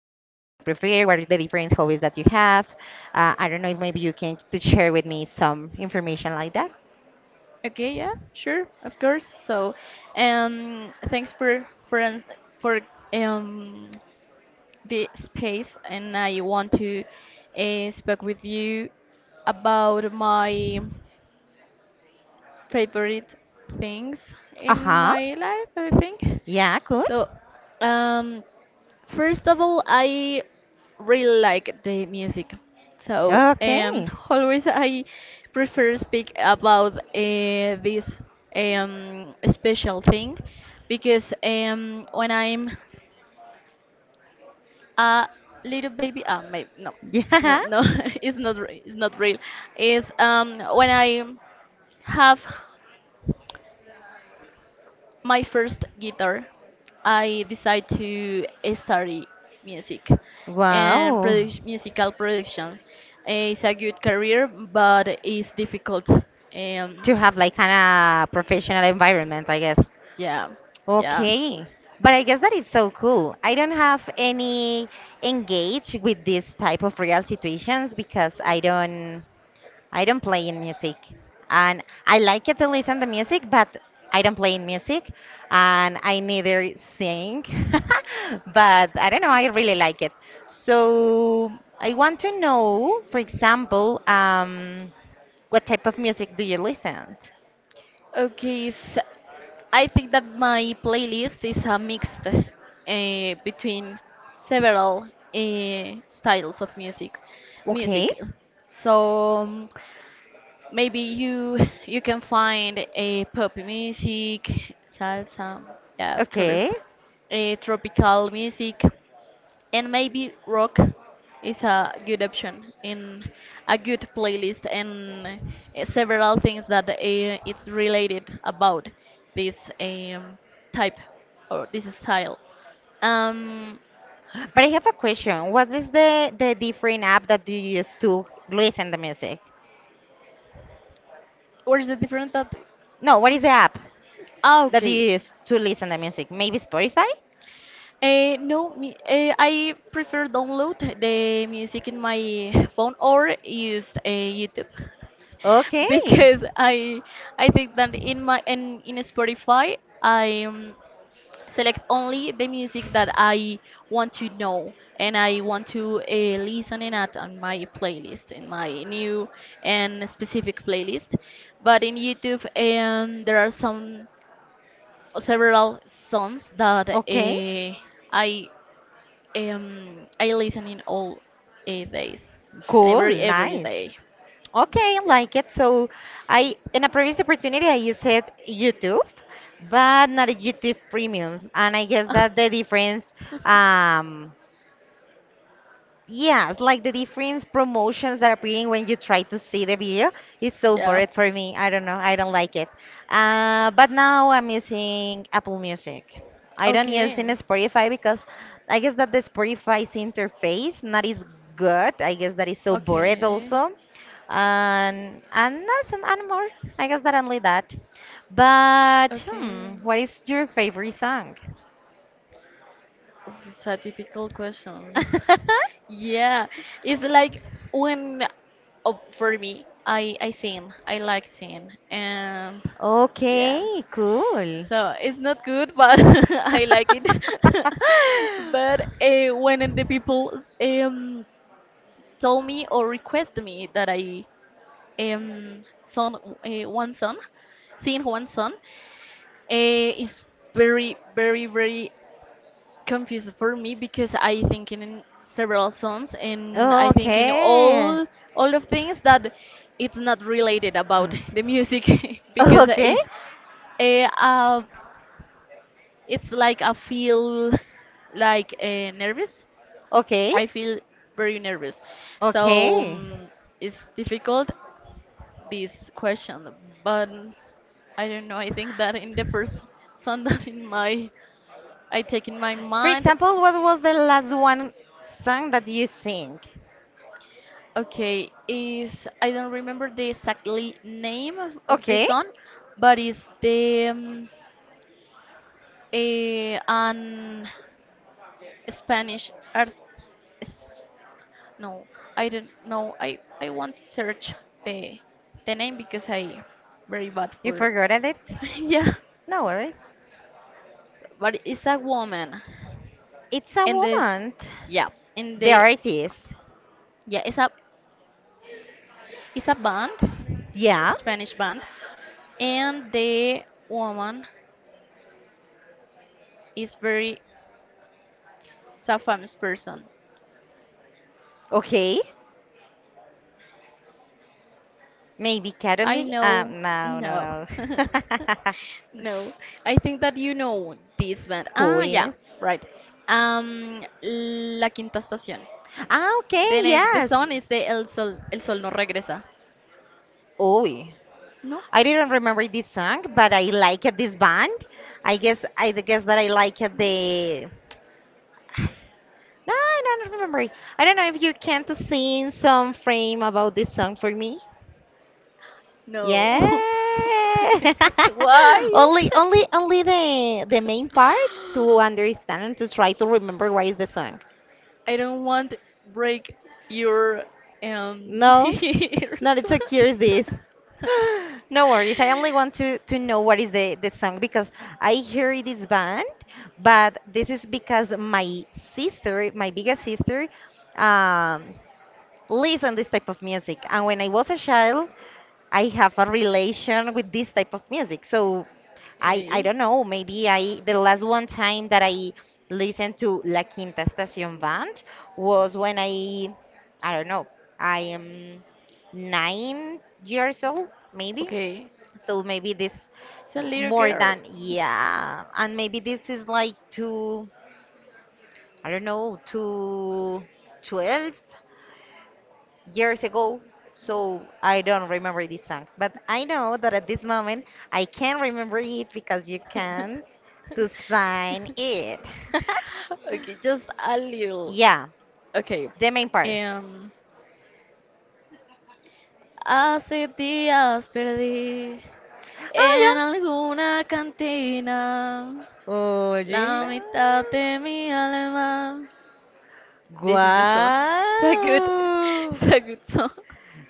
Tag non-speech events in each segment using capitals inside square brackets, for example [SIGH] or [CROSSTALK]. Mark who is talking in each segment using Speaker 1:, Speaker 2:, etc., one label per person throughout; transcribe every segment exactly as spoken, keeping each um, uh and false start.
Speaker 1: prefer, what are the different hobbies that you have. Uh, I don't know if maybe you can to share with me some information like that.
Speaker 2: Okay, yeah, sure, of course. So, um, thanks for for ans- for um the space, and I want to uh, speak with you about my favorite things in
Speaker 1: Uh-huh.
Speaker 2: my life, I think.
Speaker 1: Yeah, cool.
Speaker 2: So, um, first of all, I really like the music. So, um,
Speaker 1: Okay. [LAUGHS]
Speaker 2: always I prefer speak about uh, this um, special thing because um, when I'm a little baby, ah, maybe no, no,
Speaker 1: Yeah.
Speaker 2: no, [LAUGHS] it's not, re- it's not real. It's um, when I have my first guitar, I decided to study music and
Speaker 1: Wow.
Speaker 2: produc- musical production. It's a good career, but it's difficult. Um,
Speaker 1: To have like kind of professional environment, I guess.
Speaker 2: yeah, yeah.
Speaker 1: Okay. But I guess that is so cool. I don't have any engage with this type of real situations because I don't I don't play in music, and I like it to listen to music, but I don't play in music, and I neither sing, [LAUGHS] but I don't know. I really like it. So I want to know, for example, um, what type of music do you listen?
Speaker 2: Okay, so I think that my playlist is a mixed uh, between several uh, styles of music.
Speaker 1: Okay,
Speaker 2: Music. So, um, Maybe you you can find a pop music, salsa, yeah, of
Speaker 1: okay.
Speaker 2: course, a tropical music, and maybe rock is a good option in a good playlist and uh, several things that uh, it's related about this um, type or this style. Um,
Speaker 1: But I have a question. What is the the different app that you use to listen the music?
Speaker 2: what is the different type?
Speaker 1: No, what is the app
Speaker 2: Ah,
Speaker 1: that
Speaker 2: okay.
Speaker 1: you use to listen the music? Maybe Spotify?
Speaker 2: Uh, no, mu- uh, I prefer download the music in my phone or use uh, YouTube [LAUGHS]
Speaker 1: Okay.
Speaker 2: because I I think that in my in, in Spotify I um, select only the music that I want to know and I want to uh, listen it at on my playlist in my new and specific playlist. But in YouTube eh, um, there are some several songs that
Speaker 1: Okay.
Speaker 2: uh, I um, I listen in all uh, days, and
Speaker 1: Cool.
Speaker 2: every every
Speaker 1: Nice.
Speaker 2: day.
Speaker 1: Okay, I
Speaker 2: Yeah.
Speaker 1: like it. So I in a previous opportunity I used it YouTube, but not a YouTube premium. And I guess that the difference
Speaker 2: [LAUGHS]
Speaker 1: um yes, like the different promotions that are appearing when you try to see the video is so
Speaker 2: Yeah.
Speaker 1: boring for me. I don't know. I don't like it. Uh, but now I'm using Apple Music. I don't use
Speaker 2: Okay.
Speaker 1: in Spotify because I guess that the Spotify's interface not is good. I guess that is so boring
Speaker 2: Okay.
Speaker 1: also. And and that's an and more. I guess that only that. But hmm,
Speaker 2: Okay.
Speaker 1: what is your favorite song?
Speaker 2: Oof, it's a difficult question.
Speaker 1: [LAUGHS]
Speaker 2: Yeah, it's like when oh, for me, I I sing, I like sing, and yeah,
Speaker 1: Okay, cool.
Speaker 2: so it's not good, but [LAUGHS] I like it. [LAUGHS] But
Speaker 1: [LAUGHS]
Speaker 2: uh, when the people um told me or request me that I um song uh, one song, sing one song, uh, it's very very very confused for me because I think in several songs and I think in
Speaker 1: Okay.
Speaker 2: all all of things that it's not related about [LAUGHS] the
Speaker 1: [GASPS]
Speaker 2: music [LAUGHS] because
Speaker 1: Okay.
Speaker 2: it's a uh, it's like I feel like uh, nervous.
Speaker 1: Okay.
Speaker 2: I feel very nervous, so
Speaker 1: Okay.
Speaker 2: um, it's difficult this question. But I don't know. I think that in the first song [LAUGHS] that in my I take in my
Speaker 1: For
Speaker 2: mind.
Speaker 1: example, what was the last one song that you sing?
Speaker 2: Okay, is I don't remember the exactly name of, of the
Speaker 1: Okay.
Speaker 2: song, but it's the um, eh, an Spanish art. s- No, I don't know. I I want to search the the name because I very bad
Speaker 1: You
Speaker 2: for.
Speaker 1: forgot it?
Speaker 2: [LAUGHS] Yeah,
Speaker 1: No worries.
Speaker 2: so- but it's a woman,
Speaker 1: It's a
Speaker 2: and this,
Speaker 1: woman.
Speaker 2: yeah, in
Speaker 1: The
Speaker 2: the
Speaker 1: artist.
Speaker 2: yeah, it's a it's a band,
Speaker 1: Yeah.
Speaker 2: Spanish band, and the woman is very Safam's person.
Speaker 1: Okay. Maybe
Speaker 2: I
Speaker 1: Caroline?
Speaker 2: know.
Speaker 1: Um, no, no,
Speaker 2: No.
Speaker 1: no.
Speaker 2: [LAUGHS] No. I think that you know this band.
Speaker 1: [LAUGHS] Who
Speaker 2: Ah, yeah,
Speaker 1: is?
Speaker 2: right. Um, La Quinta Estación.
Speaker 1: Ah, okay.
Speaker 2: The name of the
Speaker 1: Yes.
Speaker 2: song is the El Sol, El Sol no regresa.
Speaker 1: Oi.
Speaker 2: No?
Speaker 1: I didn't remember this song, but I liked this band. I guess I guess that I liked the. No, I don't remember it. I don't know if you can to sing some frame about this song for me. Yeah.
Speaker 2: No.
Speaker 1: [LAUGHS]
Speaker 2: [LAUGHS] Why?
Speaker 1: only only only the the main part to
Speaker 2: [LAUGHS]
Speaker 1: understand and to try to remember what is the song.
Speaker 2: I don't want to break your um [LAUGHS]
Speaker 1: No.
Speaker 2: ears.
Speaker 1: Not it's a curious. [GASPS] [LAUGHS] No worries. I only want
Speaker 2: [LAUGHS]
Speaker 1: to to know what is the the song because I hear this band, but this is because my sister, my biggest sister, um, listen this type of music. And when I was a child, I have a relation with this type of music. So I I
Speaker 2: Okay.
Speaker 1: don't know, maybe I the last one time that I listened to La Quinta Estación band was when I I don't know, I am nine years old, maybe.
Speaker 2: Okay.
Speaker 1: So maybe this
Speaker 2: It's a little
Speaker 1: more
Speaker 2: girl.
Speaker 1: than yeah, and maybe this is like to I don't know to twelve years ago, so I don't remember this song. But I know that at this moment I can remember it because you
Speaker 2: [LAUGHS]
Speaker 1: can to sign it.
Speaker 2: Okay, just a
Speaker 1: [LAUGHS]
Speaker 2: little.
Speaker 1: Yeah,
Speaker 2: Okay.
Speaker 1: the main part.
Speaker 2: Um. Hace días perdí
Speaker 1: Ah,
Speaker 2: en
Speaker 1: yeah.
Speaker 2: alguna cantina la
Speaker 1: Óyela.
Speaker 2: mitad de mi alma. This is the song. It's a good, [LAUGHS] it's
Speaker 1: Wow.
Speaker 2: a good song.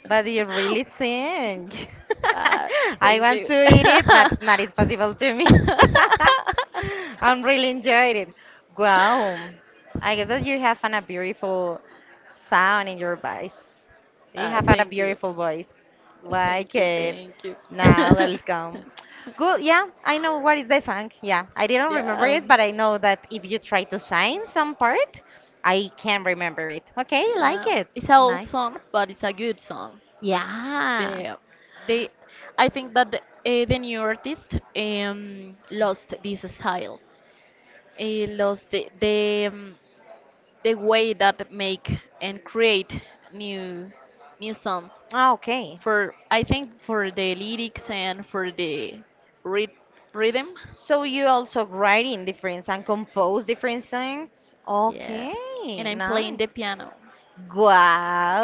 Speaker 1: But you
Speaker 2: [LAUGHS]
Speaker 1: really sing.
Speaker 2: Ah,
Speaker 1: [LAUGHS] I
Speaker 2: thank
Speaker 1: want
Speaker 2: you.
Speaker 1: to eat it, but not is
Speaker 2: [LAUGHS]
Speaker 1: possible to me. [LAUGHS] I'm really enjoyed it. Wow. I guess that you have an, a beautiful sound in your voice. You
Speaker 2: Ah,
Speaker 1: have had a
Speaker 2: thank you.
Speaker 1: beautiful voice. Like
Speaker 2: Thank you.
Speaker 1: it.
Speaker 2: Thank you.
Speaker 1: Now, welcome. Good. Yeah, I know what is the song. Yeah, I
Speaker 2: [LAUGHS]
Speaker 1: didn't remember
Speaker 2: Yeah.
Speaker 1: it,
Speaker 2: um,
Speaker 1: but I know that if you try to sign some part, I can remember it. Okay, like
Speaker 2: Yeah,
Speaker 1: it.
Speaker 2: it's an old
Speaker 1: Nice.
Speaker 2: song, but it's a good song.
Speaker 1: Yeah.
Speaker 2: The they, I think that the, uh, the new artist um, lost this style. He lost the the, um, the way that make and create new new songs.
Speaker 1: Ah, okay.
Speaker 2: For I think for the lyrics and for the ryth- rhythm.
Speaker 1: So you also write in different and compose different songs?
Speaker 2: Yeah, and
Speaker 1: Okay,
Speaker 2: I'm playing
Speaker 1: nice.
Speaker 2: the piano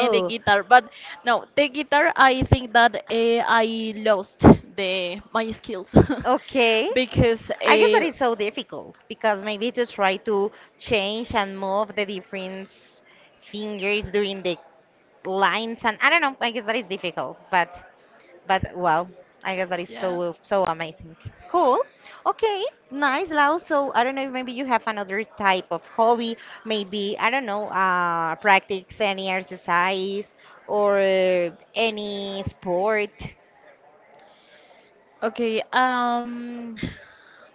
Speaker 2: and the guitar, but no, the guitar I think that uh, I lost the my skills
Speaker 1: Okay.
Speaker 2: [LAUGHS] because
Speaker 1: I guess that
Speaker 2: uh,
Speaker 1: is so difficult because maybe to try to change and move the different fingers during the lines and I don't know, I guess that is difficult, but But wow, I guess that is
Speaker 2: yeah.
Speaker 1: so so amazing. Cool. Okay, nice, Lau. So I don't know if maybe you have another type of hobby, maybe I don't know, uh, practice any exercise or uh, any sport.
Speaker 2: Okay, um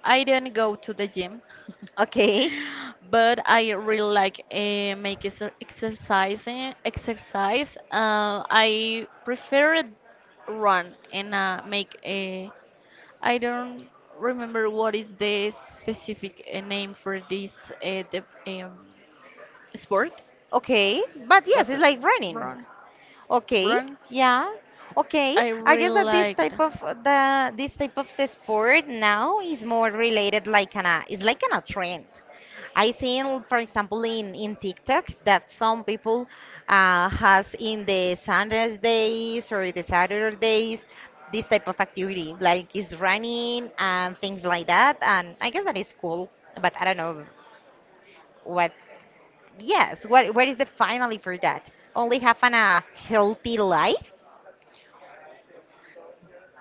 Speaker 2: I didn't go to the gym. [LAUGHS]
Speaker 1: Okay,
Speaker 2: But I really like uh, make exer- exercising exercise. Uh, I prefer run and uh, make a. I don't remember what is the specific uh, name for this uh, the, um, sport,
Speaker 1: okay, but yes,
Speaker 2: but
Speaker 1: it's
Speaker 2: the-
Speaker 1: like running.
Speaker 2: run,
Speaker 1: Okay,
Speaker 2: run.
Speaker 1: yeah. Okay,
Speaker 2: I
Speaker 1: I
Speaker 2: really
Speaker 1: guess that this
Speaker 2: like it.
Speaker 1: type of the this type of s- sport now is more related like an a it's like an a trend. I seen, for example, in in TikTok that some people uh, has in the Sundays days or the Saturdays this type of activity like is running and things like that. And I guess that is cool, but I don't know what. Yes, what what is the finally for that? Only have an a healthy life?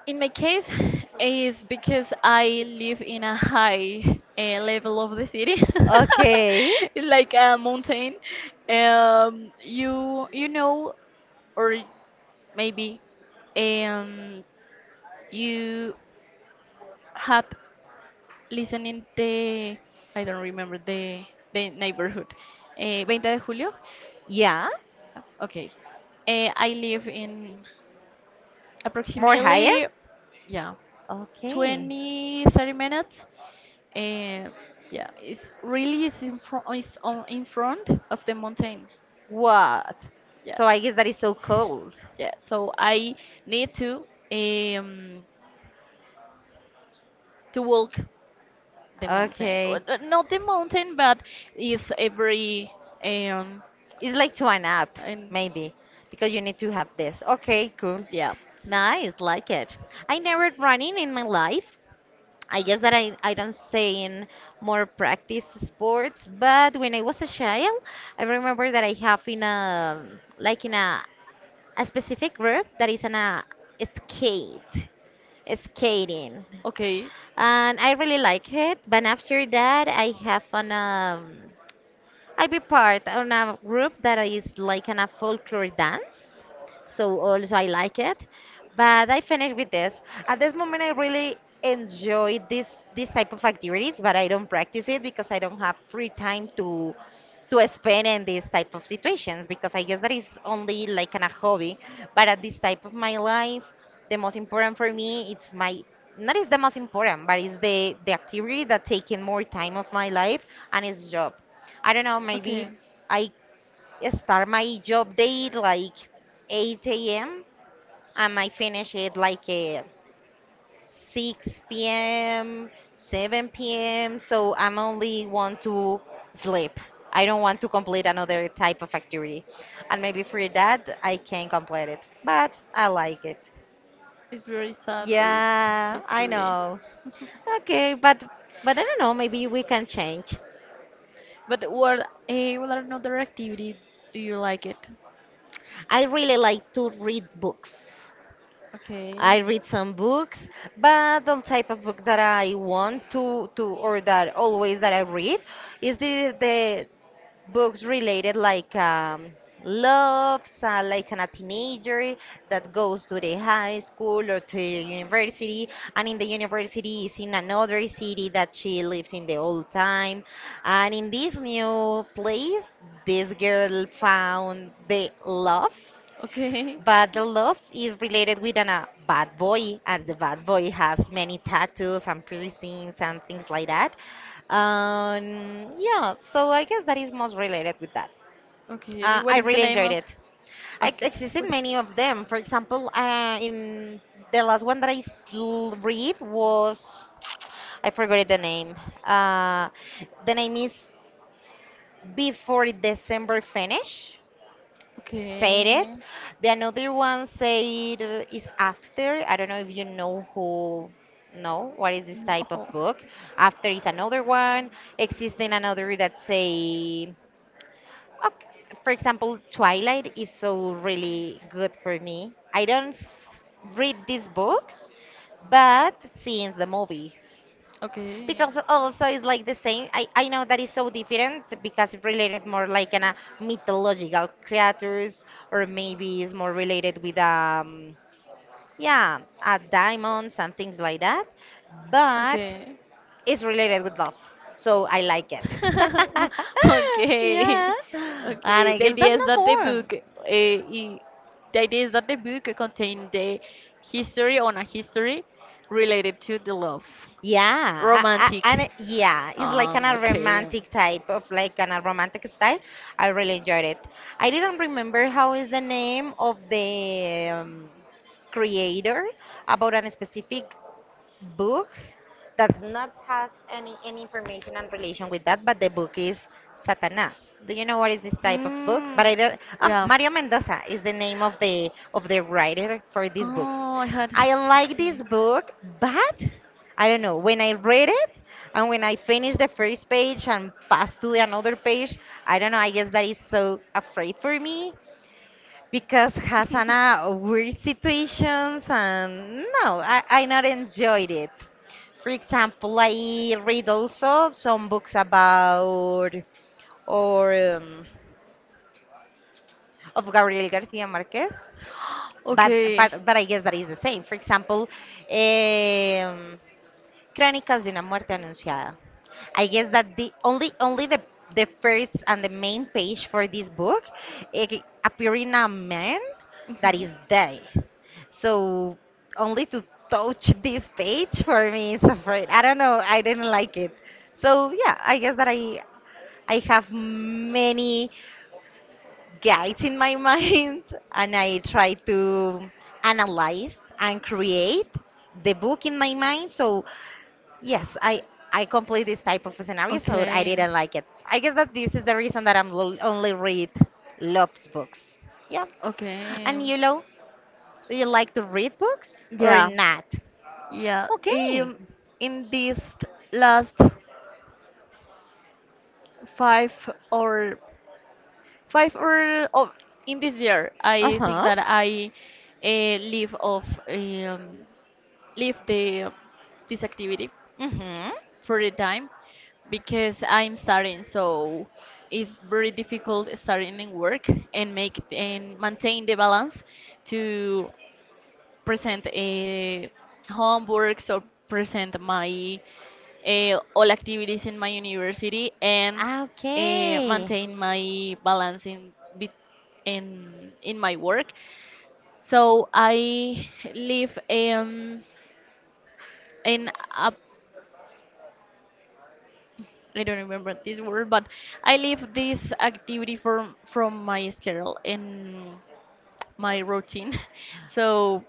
Speaker 2: In my case, is because I live in a high uh, level of the city. [LAUGHS]
Speaker 1: Okay.
Speaker 2: It's like a mountain. Um, you you know, or maybe, um, you had listening the I don't remember the the neighborhood. Eh, twenty de julio.
Speaker 1: Yeah,
Speaker 2: Okay. Eh, I live in
Speaker 1: more
Speaker 2: approximately
Speaker 1: highest.
Speaker 2: yeah
Speaker 1: Okay.
Speaker 2: twenty thirty minutes. Eh, yeah, it's really is in front it's on in front of the mountain.
Speaker 1: What?
Speaker 2: Yeah.
Speaker 1: So I guess that is so cold.
Speaker 2: Yeah, so I need to um to walk the mountain. Well,
Speaker 1: Okay.
Speaker 2: uh, not the mountain, but is every um
Speaker 1: It's like to an app,
Speaker 2: and
Speaker 1: maybe, because you need to have this. Okay, cool.
Speaker 2: yeah.
Speaker 1: Nice, like it. I never running in my life. I guess that I, I don't say in more practice sports, but when I was a child, I remember that I have in a like in a, a specific group that is in a skate, skating.
Speaker 2: Okay.
Speaker 1: And I really like it. But after that, I have an um, I be part on a group that is like an a folklore dance so also I like it. But I finished with this. At this moment, I really enjoy this this type of activities, but I don't practice it because I don't have free time to to spend in these type of situations because I guess that is only like an, a hobby. But at this type of my life, the most important for me it's my not is the most important, but it's the the activity that taking more time of my life and it's job. I don't know, maybe
Speaker 2: Okay,
Speaker 1: I start my job day like eight a m and I finish it like uh, six p m, seven p m. So I'm only want to sleep. I don't want to complete another type of activity. And maybe for that, I can complete it. But I like it.
Speaker 2: it's very sad this
Speaker 1: Yeah, I
Speaker 2: history.
Speaker 1: know. Okay, but but I don't know, maybe we can change.
Speaker 2: But what eh, what another activity do you like it?
Speaker 1: I really like to read books.
Speaker 2: Okay.
Speaker 1: I read some books, but the type of book that I want to to or that always that I read is the the books related like um, love, uh, like a teenager that goes to the high school or to the university, and in the university is in another city that she lives in the old time, and in this new place, this girl found the love
Speaker 2: Okay. [LAUGHS]
Speaker 1: but the love is related with an, a bad boy, and the bad boy has many tattoos and piercings and things like that. Um, yeah, so I guess that is most related with that.
Speaker 2: Okay.
Speaker 1: Uh,
Speaker 2: What
Speaker 1: I
Speaker 2: is the
Speaker 1: really
Speaker 2: name
Speaker 1: enjoyed
Speaker 2: of?
Speaker 1: it. I
Speaker 2: Okay. Well,
Speaker 1: existed many of them. For example, uh, in the last one that I sl- read was I forgot the name. Uh, the name is Before December Finish said it.
Speaker 2: okay.
Speaker 1: The another one said uh, is after. I don't know if you know who know what is this
Speaker 2: Mm,
Speaker 1: type of
Speaker 2: oh.
Speaker 1: book. After is another one. Existing another that say okay, for example, Twilight is so really good for me. I don't s- read these books, but since the movies
Speaker 2: Okay.
Speaker 1: because also it's like the same i, I know that is so different because it related more like an, a mythological creatures or maybe it's more related with um yeah uh, diamonds and things like that but
Speaker 2: Okay.
Speaker 1: it's related with love so I like it [LAUGHS]
Speaker 2: [LAUGHS]
Speaker 1: yeah
Speaker 2: Okay.
Speaker 1: and
Speaker 2: Okay.
Speaker 1: I
Speaker 2: The
Speaker 1: guess that
Speaker 2: idea is
Speaker 1: no
Speaker 2: that the
Speaker 1: more.
Speaker 2: book uh, i- the idea is that the book contains the history on a history related to the love,
Speaker 1: Yeah, I, I, and
Speaker 2: romantic.
Speaker 1: it- yeah, it's like
Speaker 2: Um,
Speaker 1: kind of
Speaker 2: okay.
Speaker 1: romantic type of like kind of romantic style. I really enjoyed it. I didn't remember how is the name of the um, creator about a specific book that not has any any information and relation with that, but the book is Satanás. Do you know what is this type of book? But
Speaker 2: Mm,
Speaker 1: I don't. Um,
Speaker 2: yeah.
Speaker 1: Mario Mendoza is the name of the of the writer for this book.
Speaker 2: Oh, I had.
Speaker 1: I like this
Speaker 2: Okay.
Speaker 1: book, but I don't know. When I read it and when I finish the first page and pass to the another page, I don't know. I guess that is so afraid for me because Hasana weird situations and no, I, I not enjoyed it. For example,
Speaker 2: [LAUGHS]
Speaker 1: I read also some books about or um, of Gabriel Garcia Marquez, but,
Speaker 2: Okay.
Speaker 1: but but I guess that is the same. For example, um, Crónicas de una muerte anunciada. I guess that the only only the the first and the main page for this book it appearing a man that
Speaker 2: hmm
Speaker 1: is dead. So only to touch [LAUGHS] this page for me is afraid. I don't know. I didn't like it. So yeah, I guess that I I have many guides in my [LAUGHS] mind, and I try to analyze and create the book in my mind. So yes, I I complete this type of scenario, so I
Speaker 2: Okay.
Speaker 1: didn't like it. I guess that this is the reason that I'm lo- only read Love's books. Yeah.
Speaker 2: Okay.
Speaker 1: And you know, do you like to read books or
Speaker 2: Yeah.
Speaker 1: not?
Speaker 2: Yeah.
Speaker 1: Okay.
Speaker 2: Um, in this last five or five or oh, in this year, I think
Speaker 1: Uh-huh.
Speaker 2: that I uh, live of um, leave the this activity
Speaker 1: Mm-hmm.
Speaker 2: for the time because I'm starting, so it's very difficult starting in work and make and maintain the balance to present a homeworks or present my uh, all activities in my university and uh,
Speaker 1: Okay.
Speaker 2: maintain my balance in bet- in in my work. So I live um, in a I don't remember this word, but I leave this activity from from my schedule and my routine. [LAUGHS] So,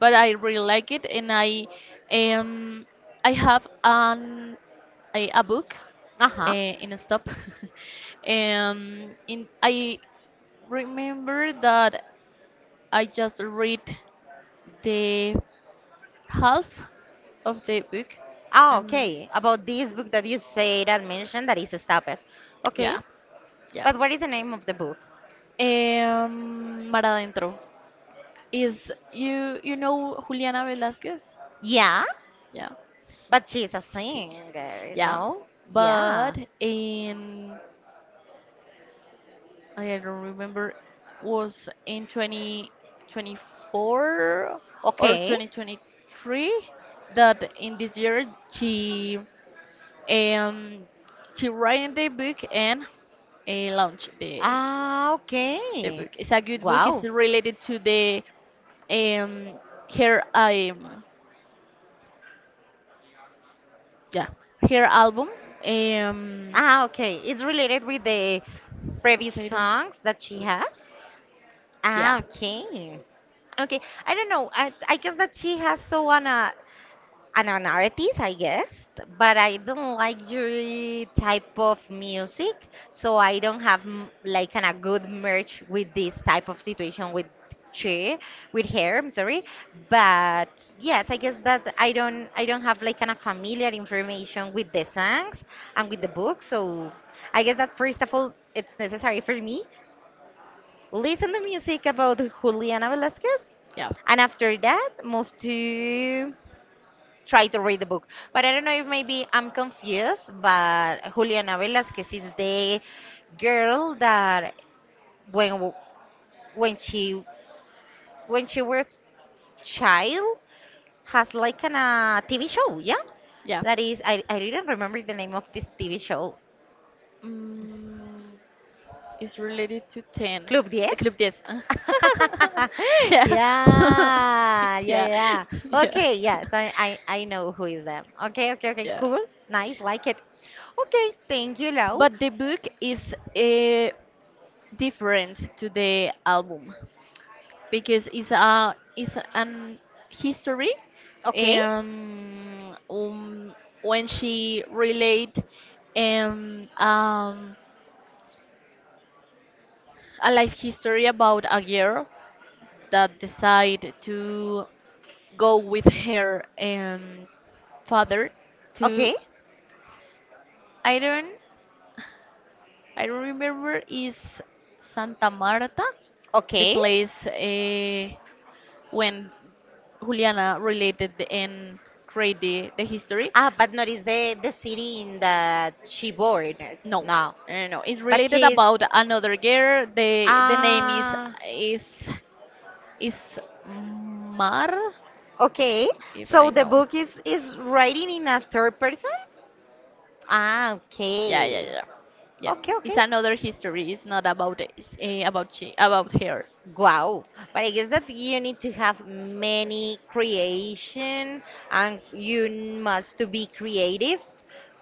Speaker 2: but I really like it, and I um I have an a, a book uh,
Speaker 1: Uh-huh.
Speaker 2: in a stop. [LAUGHS] um, in I remember that I just read the half of the book,
Speaker 1: Ah,
Speaker 2: and
Speaker 1: okay. About this book that you said and mentioned that is Stop It. Okay.
Speaker 2: yeah. Yeah.
Speaker 1: But what is the name of the book?
Speaker 2: Um, Mar Adentro. Is you you know Juliana Velasquez?
Speaker 1: Yeah.
Speaker 2: Yeah,
Speaker 1: But she's a
Speaker 2: she.
Speaker 1: singer,
Speaker 2: Yeah,
Speaker 1: no?
Speaker 2: but
Speaker 1: Yeah.
Speaker 2: in I don't remember was in twenty twenty-four or
Speaker 1: Okay.
Speaker 2: twenty twenty-three that in this year she um she write the book and uh, launch the
Speaker 1: Ah,
Speaker 2: the
Speaker 1: okay.
Speaker 2: book. It's a good book. It's
Speaker 1: Wow.
Speaker 2: related to the um, her um, yeah her album, um,
Speaker 1: Ah, okay. It's related with the previous
Speaker 2: State of-
Speaker 1: songs that she has.
Speaker 2: yeah.
Speaker 1: Ah, okay. Okay. I don't know. I I guess that she has so on a and an artist, I guess, but I don't like your type of music, so I don't have m- like kind of good merch with this type of situation with she, with her. I'm sorry, but yes, I guess that I don't I don't have like kind of familiar information with the songs and with the book, so I guess that first of all, it's necessary for me listen to music about Juliana Velasquez,
Speaker 2: Yeah.
Speaker 1: and after that move to try to read the book. But I don't know if maybe I'm confused, but Juliana Velasquez is the girl that when w- when she when she was child, has like an uh, T V show, yeah?
Speaker 2: Yeah.
Speaker 1: That is I I didn't remember the name of this T V show.
Speaker 2: Mm, it's related to ten.
Speaker 1: Club ten?
Speaker 2: The Club ten. [LAUGHS]
Speaker 1: [LAUGHS]
Speaker 2: Yeah. [LAUGHS]
Speaker 1: Yeah, yeah,
Speaker 2: Yeah.
Speaker 1: yeah.
Speaker 2: [LAUGHS] Yeah.
Speaker 1: Okay, yes, I, I, I know who is them. Okay, okay,
Speaker 2: [LAUGHS]
Speaker 1: okay,
Speaker 2: Yeah.
Speaker 1: cool, nice, like it. Okay, thank you, Lau.
Speaker 2: But the book is uh, different to the album because it's a it's an history,
Speaker 1: Okay.
Speaker 2: um, um when she relate um, um a life history about a girl that decide to go with her um, father to
Speaker 1: Okay,
Speaker 2: Iran. I remember is Santa Marta, the
Speaker 1: okay.
Speaker 2: place uh, when Juliana related and created the, the history.
Speaker 1: Ah, but not is the the city in that she born
Speaker 2: No, uh,
Speaker 1: now.
Speaker 2: no, no. It's
Speaker 1: But
Speaker 2: related
Speaker 1: she's
Speaker 2: about another girl. the The name is
Speaker 1: ah,
Speaker 2: is is Mar,
Speaker 1: okay.
Speaker 2: if I
Speaker 1: So the
Speaker 2: know.
Speaker 1: book is is writing in a third person. Ah,
Speaker 2: Yeah, yeah,
Speaker 1: okay,
Speaker 2: yeah, yeah.
Speaker 1: okay,
Speaker 2: It's
Speaker 1: okay.
Speaker 2: another history. It's not about uh, about she about her.
Speaker 1: Wow. But I guess that you need to have many creation, and you must to be creative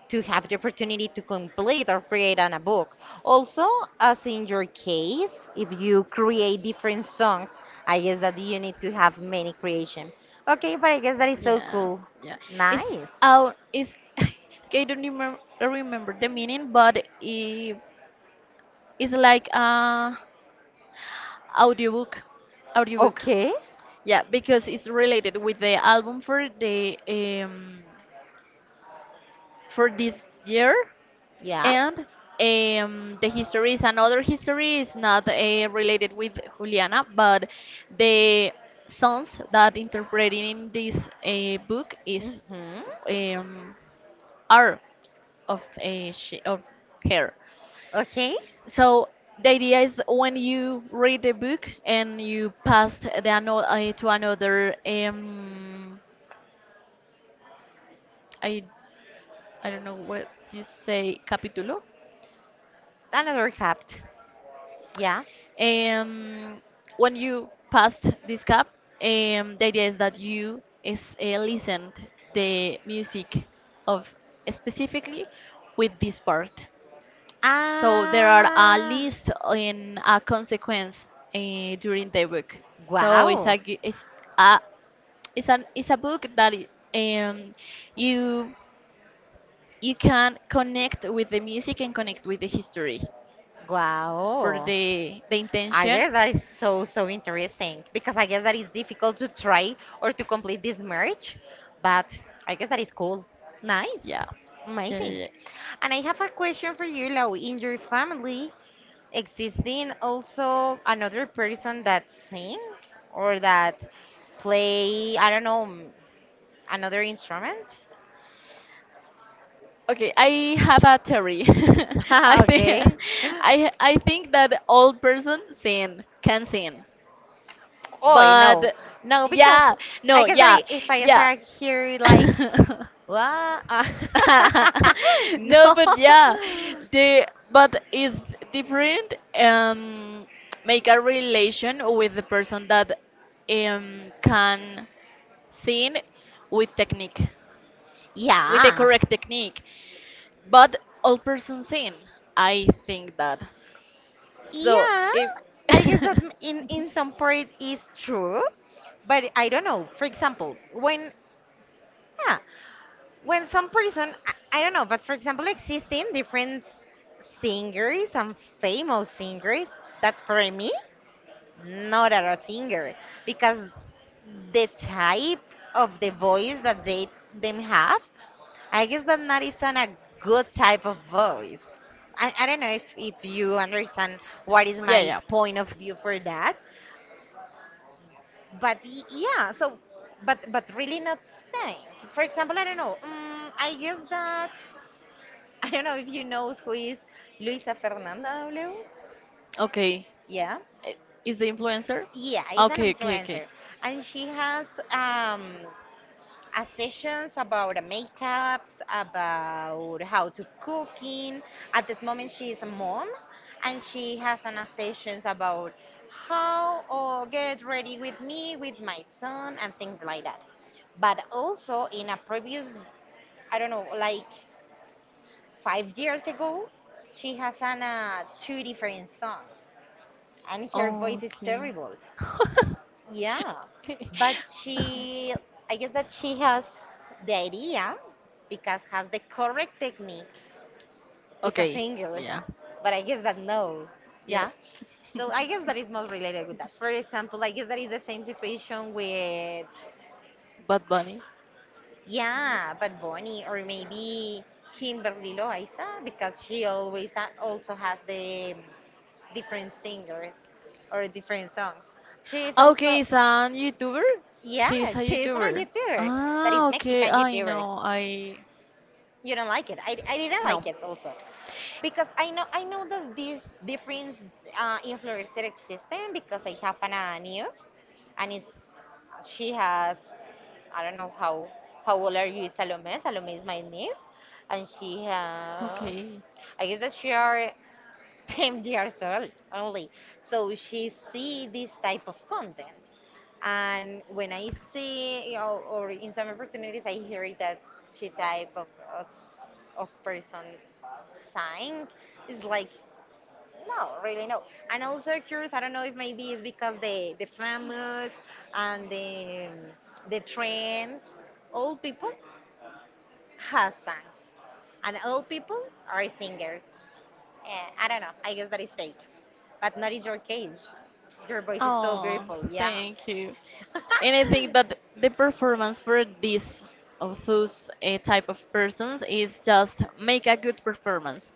Speaker 1: to have the opportunity to complete or create on a book. Also, as in your case, if you create different songs, I guess that you need to have many creation. Okay, but I guess that is so
Speaker 2: Yeah,
Speaker 1: cool.
Speaker 2: yeah. It's
Speaker 1: Nice.
Speaker 2: out. It's. [LAUGHS] I don't remember remember the meaning, but if it's like a audiobook, audiobook.
Speaker 1: Okay.
Speaker 2: Yeah, because it's related with the album for the um for this year,
Speaker 1: Yeah.
Speaker 2: and um the history is another history. Is not uh, related with Juliana, but the songs that interpreted in this uh, book is
Speaker 1: Mm-hmm.
Speaker 2: um, are of a she, of her.
Speaker 1: Okay.
Speaker 2: So the idea is when you read the book and you pass the ano- uh, to another um I I don't know what you say capítulo.
Speaker 1: Another hat. Yeah.
Speaker 2: Um, when you passed this cap, um, the idea is that you is uh, listened the music of specifically with this part. So there are a
Speaker 1: Ah.
Speaker 2: list and a consequence uh, during the book. So it's
Speaker 1: Wow.
Speaker 2: a gu- it's a it's an it's a book that i- um you you can connect with the music and connect with the history for
Speaker 1: Wow.
Speaker 2: the the
Speaker 1: I
Speaker 2: intention.
Speaker 1: guess that is so so interesting, because I guess that is difficult to try or to complete this merge, but I guess that is cool. Nice.
Speaker 2: Yeah. Yeah,
Speaker 1: Amazing.
Speaker 2: yeah, yeah.
Speaker 1: And I have a question for you, Lau. In your family, existing also another person that sing or that play, I don't know, m- another instrument? [LAUGHS]
Speaker 2: Okay, I have a theory. [LAUGHS] I think
Speaker 1: Okay.
Speaker 2: I I think that all person sin can sin,
Speaker 1: Oh, no.
Speaker 2: but
Speaker 1: No, because
Speaker 2: yeah,
Speaker 1: I
Speaker 2: no,
Speaker 1: guess that
Speaker 2: yeah,
Speaker 1: i- if I
Speaker 2: yeah.
Speaker 1: start
Speaker 2: [LAUGHS]
Speaker 1: here like
Speaker 2: [LAUGHS]
Speaker 1: wow. [LAUGHS]
Speaker 2: No,
Speaker 1: No.
Speaker 2: but yeah, the but it's different. Um, make a relation with the person that um can sing with technique, with the
Speaker 1: Yeah.
Speaker 2: correct technique. But all person seen, I think that. So
Speaker 1: Yeah.
Speaker 2: if
Speaker 1: I guess that
Speaker 2: [LAUGHS]
Speaker 1: m- in in some part is true, but I don't know. For example, when yeah, when some person I, I don't know, but for example, existing different s- singers and famous singers that for me not are a singer, because the type of the voice that they them have, I guess that not is an a good type of voice. I, I don't know if, if you understand what
Speaker 2: yeah,
Speaker 1: is
Speaker 2: yeah.
Speaker 1: my point of view for that, but y- yeah, so but but really not saying. For example, I don't know. Um, I guess that [LAUGHS] I don't know if you know who is Luisa Fernanda W.
Speaker 2: Okay.
Speaker 1: Yeah,
Speaker 2: I- Is the influencer?
Speaker 1: yeah, is
Speaker 2: Okay,
Speaker 1: an
Speaker 2: okay, okay.
Speaker 1: influencer, and she has um uh, sessions about uh, makeups, about how to cooking. At this moment, she is a mom, and she has an uh, sessions about how or get ready with me, with my son, and things like that. But also in a previous, I don't know, like five years ago, she has an, uh, two different songs, and her voice is
Speaker 2: Okay.
Speaker 1: terrible.
Speaker 2: [LAUGHS]
Speaker 1: Yeah,
Speaker 2: Okay. [LAUGHS]
Speaker 1: but she, I guess that she has the idea because has the correct technique. Is a
Speaker 2: Okay,
Speaker 1: singer,
Speaker 2: yeah,
Speaker 1: but I guess that no,
Speaker 2: yeah.
Speaker 1: yeah. So I guess that is most related with that. For example, I guess that is the same situation with
Speaker 2: Bad Bunny.
Speaker 1: yeah, but Bonnie or maybe Kimberly Loaiza, because she always ha- also has the different singers or different songs. She is
Speaker 2: Ah,
Speaker 1: also
Speaker 2: okay, is a YouTuber?
Speaker 1: yeah,
Speaker 2: She's a
Speaker 1: she's a
Speaker 2: YouTuber.
Speaker 1: YouTuber that
Speaker 2: Ah,
Speaker 1: is
Speaker 2: okay,
Speaker 1: Mexican
Speaker 2: I
Speaker 1: YouTuber.
Speaker 2: know. I
Speaker 1: You don't like it. I, I didn't
Speaker 2: no.
Speaker 1: like it also. Because I know I know that this difference uh, influencer existing, because I have an, a niece and it's, she has I don't know how how old are you, Salome. Salome is my niece, and she uh,
Speaker 2: Okay.
Speaker 1: I guess that she are ten years old only. So she see this type of content. And when I see, you know, or in some opportunities, I hear that she type of, of, of person sang is like, no, really no. And also curious, I don't know if maybe it's because the, the famous and the, the trend, old people has songs and old people are singers. Eh, I don't know. I guess that is fake. But not is your case. Your voice is so
Speaker 2: Oh,
Speaker 1: beautiful. Yeah.
Speaker 2: thank you. And I
Speaker 1: [LAUGHS]
Speaker 2: think that the performance for this of those uh, type of persons is just make a good performance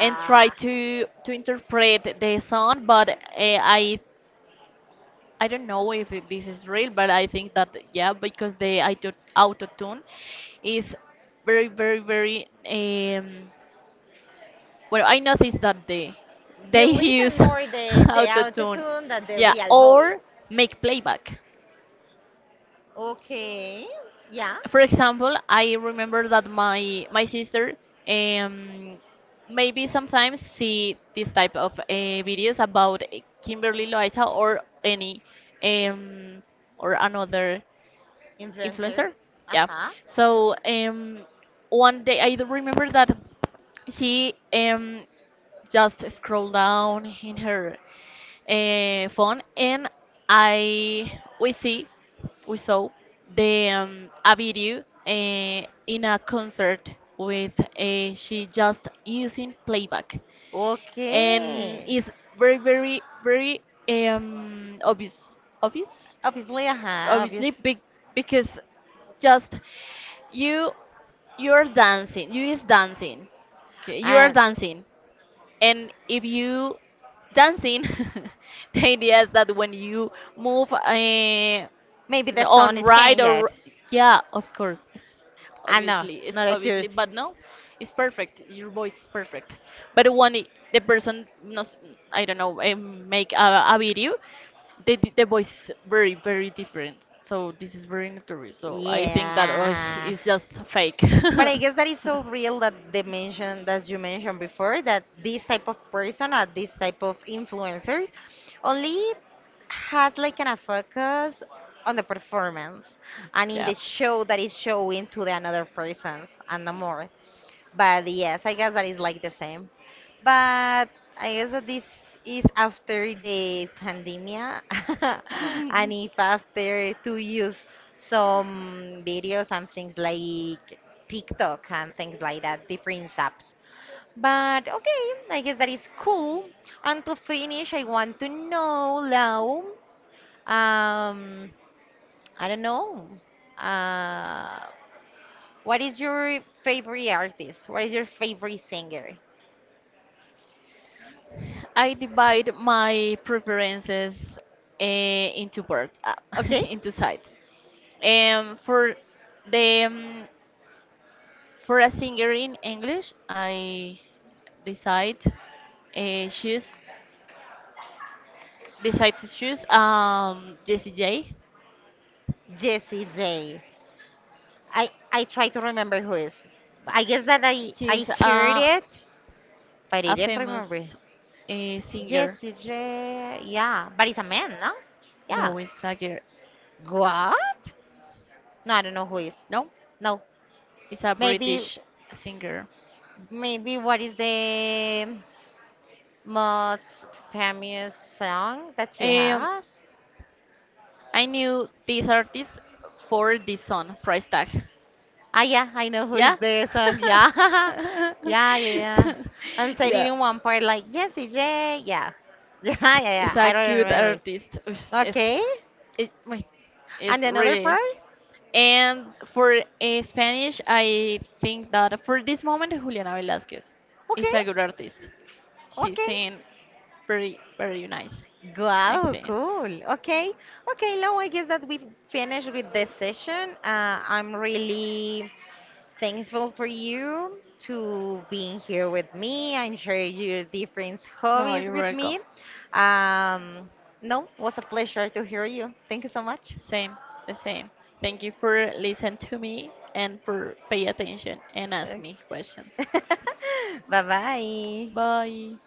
Speaker 2: and try to to interpret the sound, but uh, i i don't know if it- this is real, but I think that yeah because the auto auto tune is very very very um well I noticed that they they
Speaker 1: You listen
Speaker 2: use
Speaker 1: more
Speaker 2: [LAUGHS]
Speaker 1: the the
Speaker 2: auto
Speaker 1: auto
Speaker 2: tune,
Speaker 1: tune than the
Speaker 2: yeah,
Speaker 1: real
Speaker 2: or
Speaker 1: voice.
Speaker 2: make playback.
Speaker 1: Okay. Yeah.
Speaker 2: For example, I remember that my my sister um maybe sometimes see this type of uh, videos about eh, Kimberly Loaiza or any um or another
Speaker 1: Influencer.
Speaker 2: influencer,
Speaker 1: Uh
Speaker 2: yeah.
Speaker 1: huh.
Speaker 2: So, um one day i do remember that she um just scrolled down in her uh, phone, and I we see we saw the um, a video uh, in a concert with uh, she just using playback. And
Speaker 1: Okay.
Speaker 2: it's very very very um obvious obvious
Speaker 1: Obviously, uh huh.
Speaker 2: obviously
Speaker 1: Obvious.
Speaker 2: big because just you you're dancing you is dancing okay you are
Speaker 1: And
Speaker 2: dancing. And if you dancing, [LAUGHS] the idea is that when you move uh,
Speaker 1: maybe the sound
Speaker 2: on
Speaker 1: is
Speaker 2: right or
Speaker 1: changed.
Speaker 2: yeah, of course it's
Speaker 1: I'm not.
Speaker 2: obviously it's
Speaker 1: Not
Speaker 2: obviously
Speaker 1: accurate.
Speaker 2: but no it's perfect, your voice is perfect. But when it- the person knows, I don't know, eh, make a, a video, the, the voice is very very different, so this is very notorious, so I think that uh,
Speaker 1: Yeah.
Speaker 2: it's just fake. [LAUGHS]
Speaker 1: But I guess that is so real that the mention that you mentioned before that this type of person or this type of influencer only has like an a focus on the performance and in
Speaker 2: Yeah.
Speaker 1: the show that is showing to the another persons and no more. But yes, I guess that is like the same. But I guess that this is after the pandemia, [LAUGHS]
Speaker 2: [LAUGHS]
Speaker 1: and if after to use some videos and things like TikTok and things like that, different apps. But okay, I guess that is cool. And to finish, I want to know, Lau, um, I don't know, uh, what is your favorite artist? What is your favorite singer?
Speaker 2: I divide my preferences uh, into parts, uh, [LAUGHS]
Speaker 1: Okay,
Speaker 2: into sides. Um, for the um, for a singer in English, I decide uh, choose decide to choose um, Jessie J.
Speaker 1: Jessie J. I I try to remember who is. I guess that I I
Speaker 2: She's
Speaker 1: heard
Speaker 2: a
Speaker 1: it, but I
Speaker 2: a
Speaker 1: didn't remember.
Speaker 2: famous uh, singer.
Speaker 1: Jesse J. Yeah, but it's a man, no? Yeah.
Speaker 2: No, it's a girl.
Speaker 1: What? No, I don't know who is.
Speaker 2: No,
Speaker 1: No,
Speaker 2: it's a
Speaker 1: maybe
Speaker 2: British singer.
Speaker 1: maybe what is the most famous song that she
Speaker 2: Um,
Speaker 1: has?
Speaker 2: I knew this artist for this song, Price Tag.
Speaker 1: Ah, yeah, I know who is
Speaker 2: Yeah?
Speaker 1: the song. Yeah, [LAUGHS] yeah, yeah,
Speaker 2: [LAUGHS]
Speaker 1: yeah. And said it
Speaker 2: Yeah.
Speaker 1: in one part like Jesse J. Yeah, [LAUGHS] yeah, yeah, yeah.
Speaker 2: It's
Speaker 1: I
Speaker 2: a
Speaker 1: don't
Speaker 2: good
Speaker 1: remember.
Speaker 2: artist. It's, it's,
Speaker 1: Okay.
Speaker 2: it's, wait,
Speaker 1: And
Speaker 2: it's
Speaker 1: another
Speaker 2: really.
Speaker 1: part?
Speaker 2: And for uh, Spanish, I think that for this moment, Juliana Velasquez is
Speaker 1: Okay,
Speaker 2: a good artist. She
Speaker 1: okay.
Speaker 2: sings very, very nice. I
Speaker 1: Wow,
Speaker 2: think.
Speaker 1: cool. Okay, okay, Lau, I guess that we've finished with this session. Uh, I'm really thankful for you to being here with me and share your different
Speaker 2: No,
Speaker 1: hobbies
Speaker 2: you're
Speaker 1: with
Speaker 2: welcome.
Speaker 1: me. Um, no, was a pleasure to hear you. Thank you so much.
Speaker 2: Same, the same. Thank you for listening to me and for pay attention and ask
Speaker 1: Bye
Speaker 2: me questions.
Speaker 1: bye. [LAUGHS]
Speaker 2: Bye.